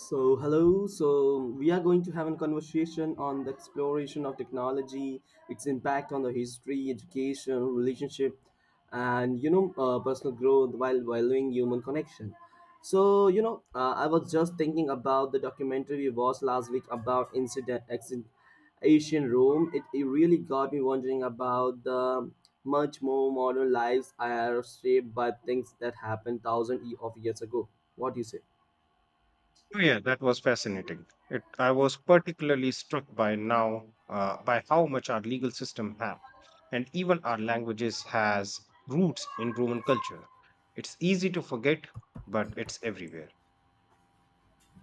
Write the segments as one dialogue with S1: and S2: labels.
S1: So, hello. So, we are going to have a conversation on the exploration of technology, its impact on the history, education, relationship, and personal growth while valuing human connection. So, I was just thinking about the documentary we watched last week about incident, accident, Asian Rome. It really got me wondering about the much more modern lives are shaped by things that happened thousands of years ago. What do you say?
S2: Oh, yeah, that was fascinating. I was particularly struck by how much our legal system have, and even our languages has roots in Roman culture. It's easy to forget, but it's everywhere.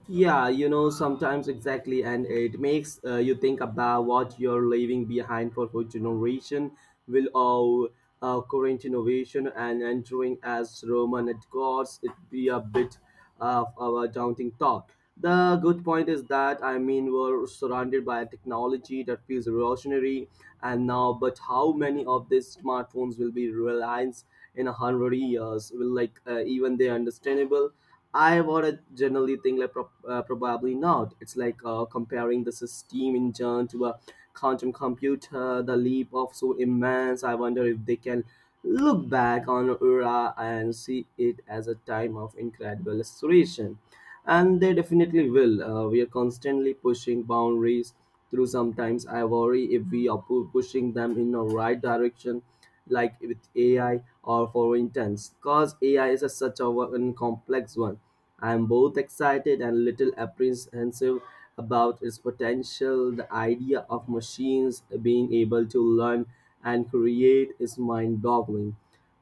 S1: Yeah, sometimes exactly, and it makes you think about what you're leaving behind for future generation. Will our current innovation and entering as Roman at gods it be a bit of our daunting thought? The good point is that I mean we're surrounded by technology that feels revolutionary, and now, but how many of these smartphones will be reliance in a hundred years? Will like even they understandable? I would generally think like probably not. It's like comparing the steam engine to a quantum computer. The leap of so immense. I wonder if they can look back on era and see it as a time of incredible acceleration and they definitely will. We are constantly pushing boundaries through. Sometimes I worry if we are pushing them in the right direction, like with AI or for instance, because AI is such an complex one. I am both excited and a little apprehensive about its potential. The idea of machines being able to learn and create is mind-boggling.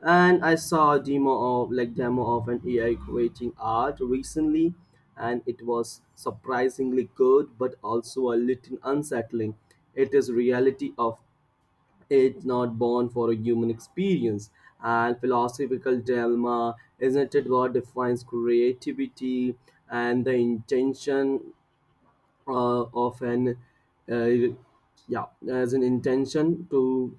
S1: And I saw a demo of like demo of an AI creating art recently, and it was surprisingly good, but also a little unsettling. It is reality of it's not born for a human experience and philosophical dilemma isn't it what defines creativity and the intention of an uh, yeah as an intention to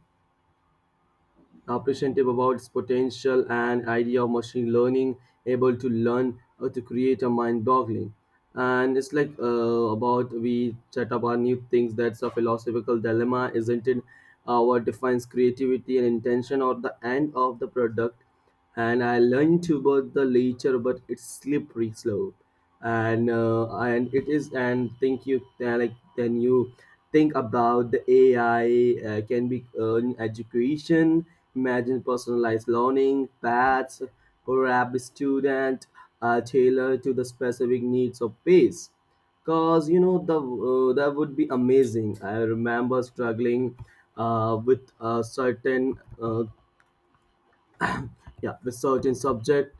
S1: appreciative about its potential and idea of machine learning able to learn to create a mind boggling and it's like about we chat about new things that's a philosophical dilemma isn't it what defines creativity and intention or the end of the product and I learned to about the later but it's slippery slope and it is and think you like then you think about the AI can be in education. Imagine personalized learning paths, perhaps student tailored to the specific needs of pace. Cause you know the that would be amazing. I remember struggling with a certain yeah with certain subject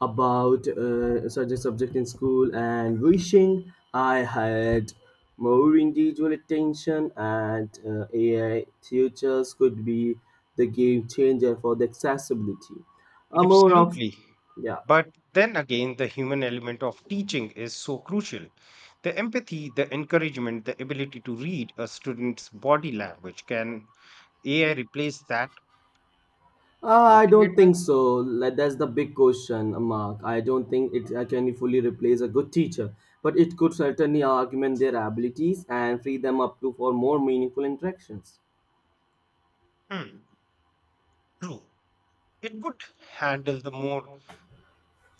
S1: about certain subject in school and wishing I had more individual attention and AI tutors could be the game changer for the accessibility a more of
S2: Absolutely.
S1: yeah
S2: But then again, the human element of teaching is so crucial. The empathy, the encouragement, the ability to read a student's body language, can AI replace that?
S1: I don't
S2: Replicate that?
S1: think so. Like, that's the big question mark I don't think it can fully replace a good teacher, but it could certainly augment their abilities and free them up to for more meaningful interactions.
S2: Hmm. True. It could handle the more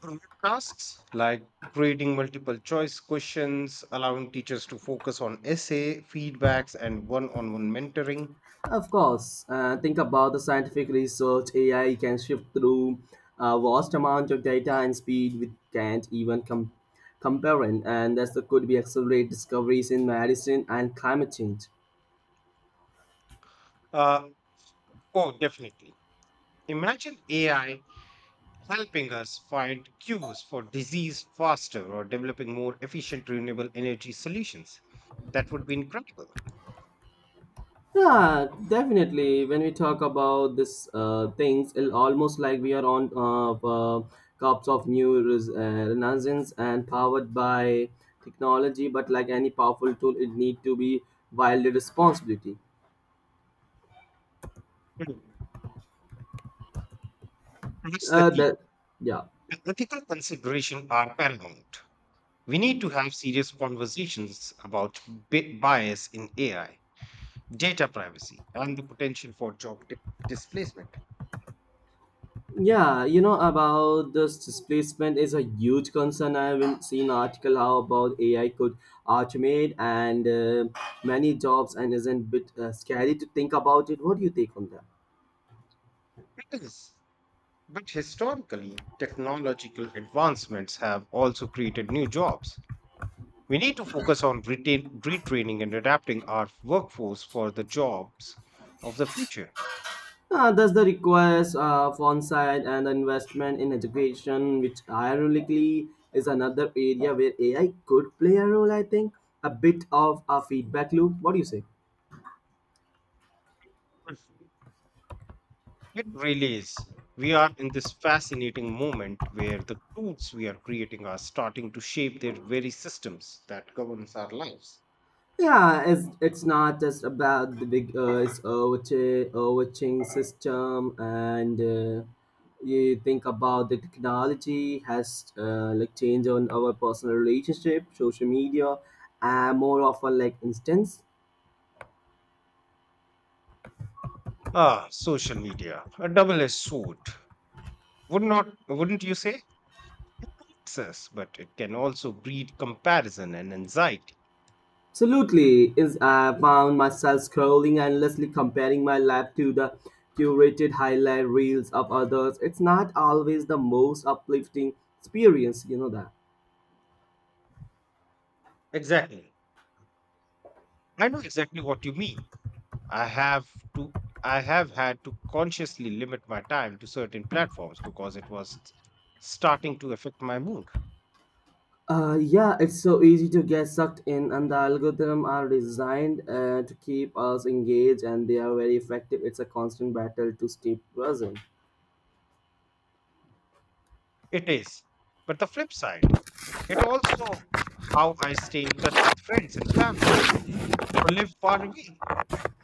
S2: broad tasks like grading multiple choice questions, allowing teachers to focus on essay, feedbacks, and one on one mentoring.
S1: Of course, think about the scientific research AI can shift through a vast amount of data and speed we can't even compare in, and thus could be accelerate discoveries in medicine and climate change.
S2: Uh, oh, definitely. Imagine AI helping us find cures for disease faster or developing more efficient renewable energy solutions. That would be incredible.
S1: Yeah, definitely. When we talk about this things, it almost like we are on uh, cups of new renaissance and powered by technology. But like any powerful tool, it need to be wildly responsibility.
S2: Mhm. That's the key.
S1: The Yeah.
S2: The ethical considerations are paramount. We need to have serious conversations about bias in AI, data privacy, and the potential for job displacement.
S1: Yeah, you know about this displacement is a huge concern. I haven't seen article how about AI could automate and many jobs and isn't bit scary to think about it. What do you take on that?
S2: It is. But historically, technological advancements have also created new jobs. We need to focus on retraining and adapting our workforce for the jobs of the future.
S1: That's the request of on-site and investment in education, which ironically is another area where AI could play a role. I think a bit of a feedback loop. What do you say?
S2: It really is. We are in this fascinating moment where the tools we are creating are starting to shape their very systems that governs our lives.
S1: Yeah, it's not just about the big it's overwatching system, and you think about the technology has like changed on our personal relationship, social media, and more often like instance.
S2: Ah, social media, a double-edged sword. Wouldn't you say? Success, but it can also breed comparison and anxiety.
S1: Absolutely, is I found myself scrolling endlessly, comparing my life to the curated highlight reels of others. It's not always the most uplifting experience, you know that.
S2: Exactly. I know exactly what you mean. I have to I have had to consciously limit my time to certain platforms because it was starting to affect my mood.
S1: Yeah, it's so easy to get sucked in, and the algorithm are designed to keep us engaged, and they are very effective. It's a constant battle to stay present.
S2: It is. But the flip side, it also how I stay in touch with friends and families who live far away.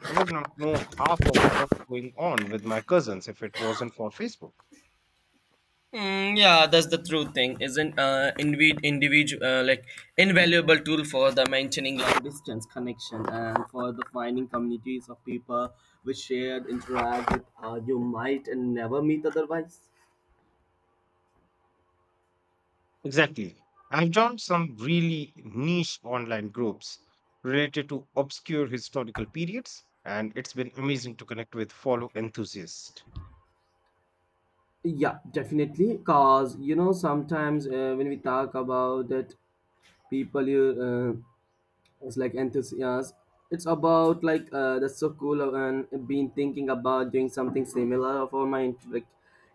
S2: I would not know half of what's going on with my cousins if it wasn't for Facebook.
S1: Mm, yeah, that's the true thing. Isn't indeed individual like invaluable tool for the maintaining long distance connection and for the finding communities of people which shared interact with you might never meet otherwise.
S2: Exactly. I've joined some really niche online groups related to obscure historical periods, and it's been amazing to connect with fellow enthusiasts.
S1: Yeah, definitely. Cause sometimes when we talk about it, people you it's like enthusiasts. It's about like that's so cool and been thinking about doing something similar for my like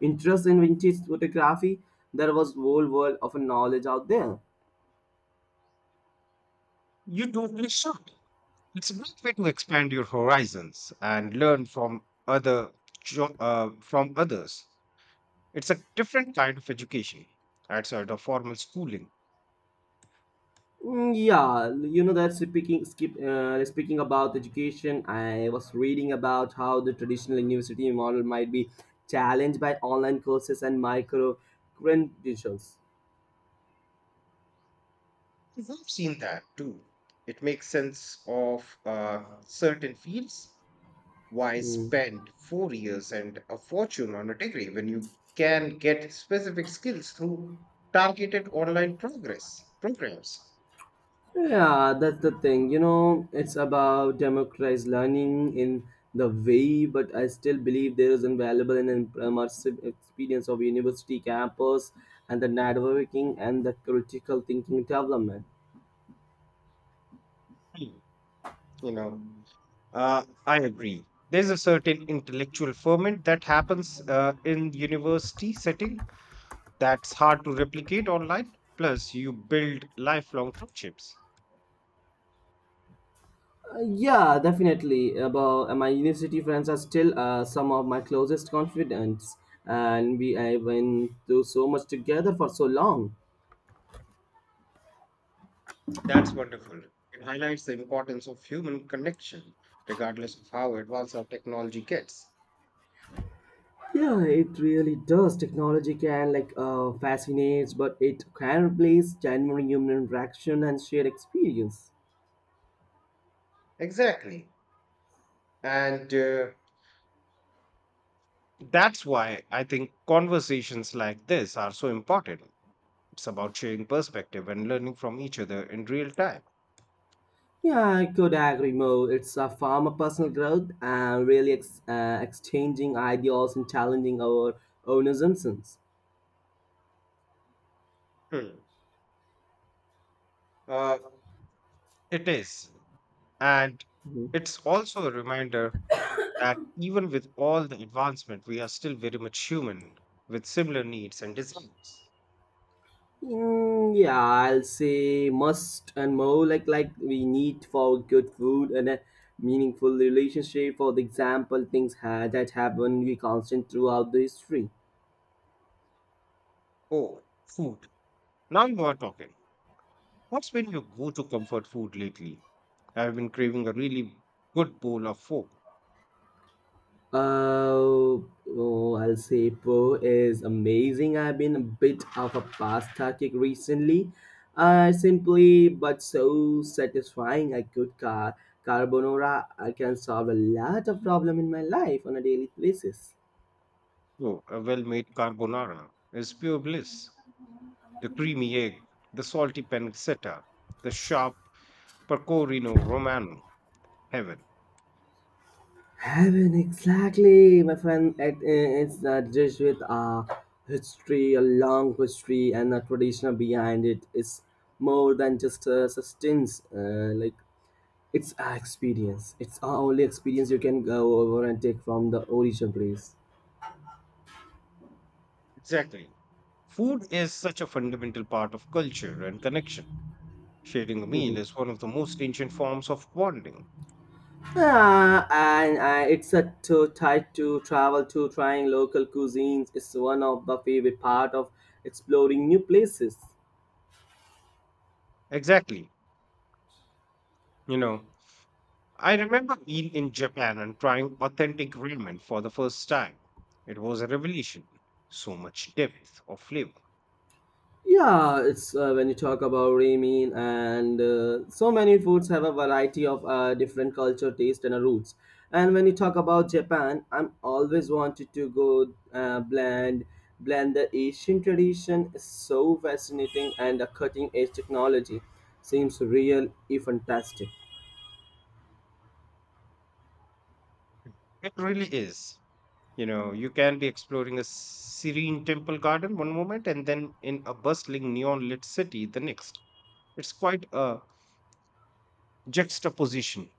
S1: interest in vintage photography. There was whole world of knowledge out there.
S2: You totally should. It's a great way to expand your horizons and learn from others. It's a different kind of education outside of formal schooling.
S1: Mm, yeah, you know that speaking about education, I was reading about how the traditional university model might be challenged by online courses and micro credentials.
S2: I've seen that too. It makes sense of certain fields. Why spend 4 years and a fortune on a degree when you can get specific skills through targeted online progress programs?
S1: Yeah, that's the thing. It's about democratized learning in the way, but I still believe there is invaluable and immersive experience of university campus and the networking and the critical thinking development.
S2: Hmm. You know, I agree. There's a certain intellectual ferment that happens in university setting that's hard to replicate online. Plus, you build lifelong friendships.
S1: Yeah, definitely. About my university friends are still some of my closest confidants, and we I went through so much together for so long.
S2: That's wonderful. It highlights the importance of human connection, regardless of how advanced our technology gets.
S1: Yeah, it really does. Technology can like fascinates, but it can replace genuine human interaction and shared experience.
S2: Exactly. And that's why I think conversations like this are so important. It's about sharing perspective and learning from each other in real time.
S1: Yeah, I could agree more. It's a form of personal growth and really exchanging ideas and challenging our own assumptions.
S2: Hmm. Uh, it is. And
S1: Mhm.
S2: it's also a reminder that even with all the advancement, we are still very much human with similar needs and desires.
S1: Mm, yeah, I'll say must and more like we need for good food and a meaningful relationship. For the example, things that happen we constant throughout the history.
S2: Oh, food. Now you are talking. What's been your go to comfort food lately? I've been craving a really good bowl of pho.
S1: Uh, oh, I'll say Po is amazing. I've been a bit of a pasta kick recently. Simply but so satisfying. A good carbonara I can solve a lot of problem in my life on a daily basis.
S2: Oh, a well made carbonara is pure bliss. The creamy egg, the salty pancetta, the sharp pecorino romano, heaven.
S1: Heaven, exactly, my friend. It's a dish with a history, a long history, and a tradition behind it. It's more than just a sustenance. Like, it's our experience. It's our only experience you can go over and take from the origin place.
S2: Exactly. Food is such a fundamental part of culture and connection. Sharing a meal
S1: Mhm.
S2: is one of the most ancient forms of bonding.
S1: And it's a to tight to travel to trying local cuisines is one of the favorite part of exploring new places.
S2: Exactly. You know, I remember being in Japan and trying authentic ramen for the first time. It was a revelation. So much depth of flavor.
S1: Yeah, it's when you talk about ramen and so many foods have a variety of different culture, taste, and roots. And when you talk about Japan, I'm always wanted to go blend the Asian tradition is so fascinating and the cutting edge technology seems real, if fantastic.
S2: It really is. You know, you can be exploring a serene temple garden one moment and then in a bustling neon lit city the next. It's quite a juxtaposition.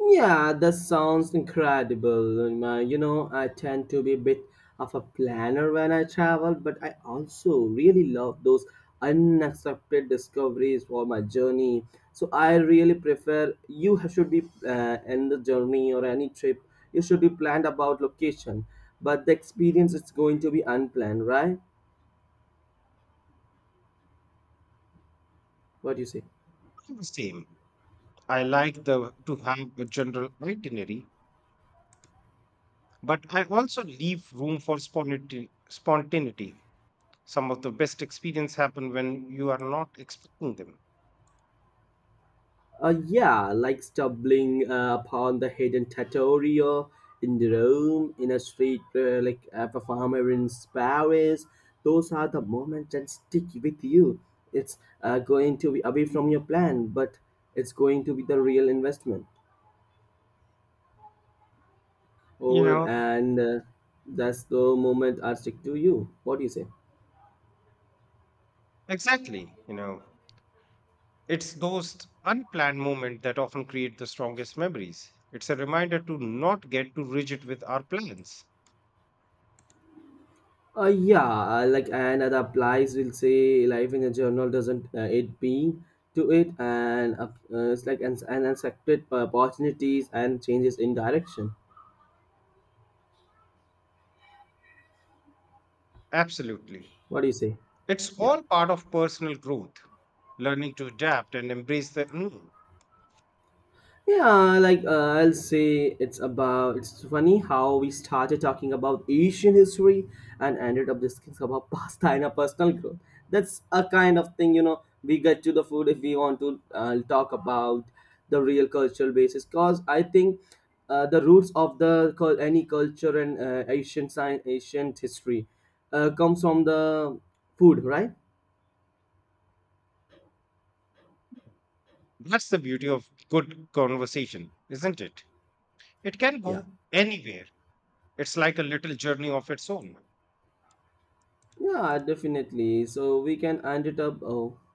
S1: Yeah, that sounds incredible. I tend to be a bit of a planner when I travel, but I also really love those unexpected discoveries for my journey. So I really prefer you should be in the journey or any trip, you should be planned about location, but the experience is going to be unplanned, right? What do you say?
S2: I'm the same. I like the to have a general itinerary, but I also leave room for spontaneity. Some of the best experience happen when you are not expecting them.
S1: Yeah, like stumbling upon the hidden trattoria in the Rome, in a street like a performer in Paris. Those are the moments that stick with you. It's going to be away from your plan, but it's going to be the real investment
S2: You
S1: over,
S2: know,
S1: and that's the moment I stick to you. What do you say?
S2: exactly. It's those unplanned moments that often create the strongest memories. It's a reminder to not get too rigid with our plans.
S1: Yeah, like and that applies. Will say life in a journal doesn't it being to it, and it's like an accepted opportunities and changes in direction.
S2: Absolutely.
S1: What do you say?
S2: It's
S1: Yeah.
S2: all part of personal growth, learning to adapt and embrace the unknown.
S1: Yeah, like I'll say it's funny how we started talking about Asian history and ended up discussing about pasta and our personal growth. That's a kind of thing, we get to the food if we want to talk about the real cultural basis because I think the roots of the any culture and Asian science, ancient history comes from the food, right?
S2: That's the beauty of good conversation, isn't it? It can
S1: Yeah.
S2: go anywhere. It's like a little journey of its own.
S1: Yeah, definitely. So we can end it up. Oh.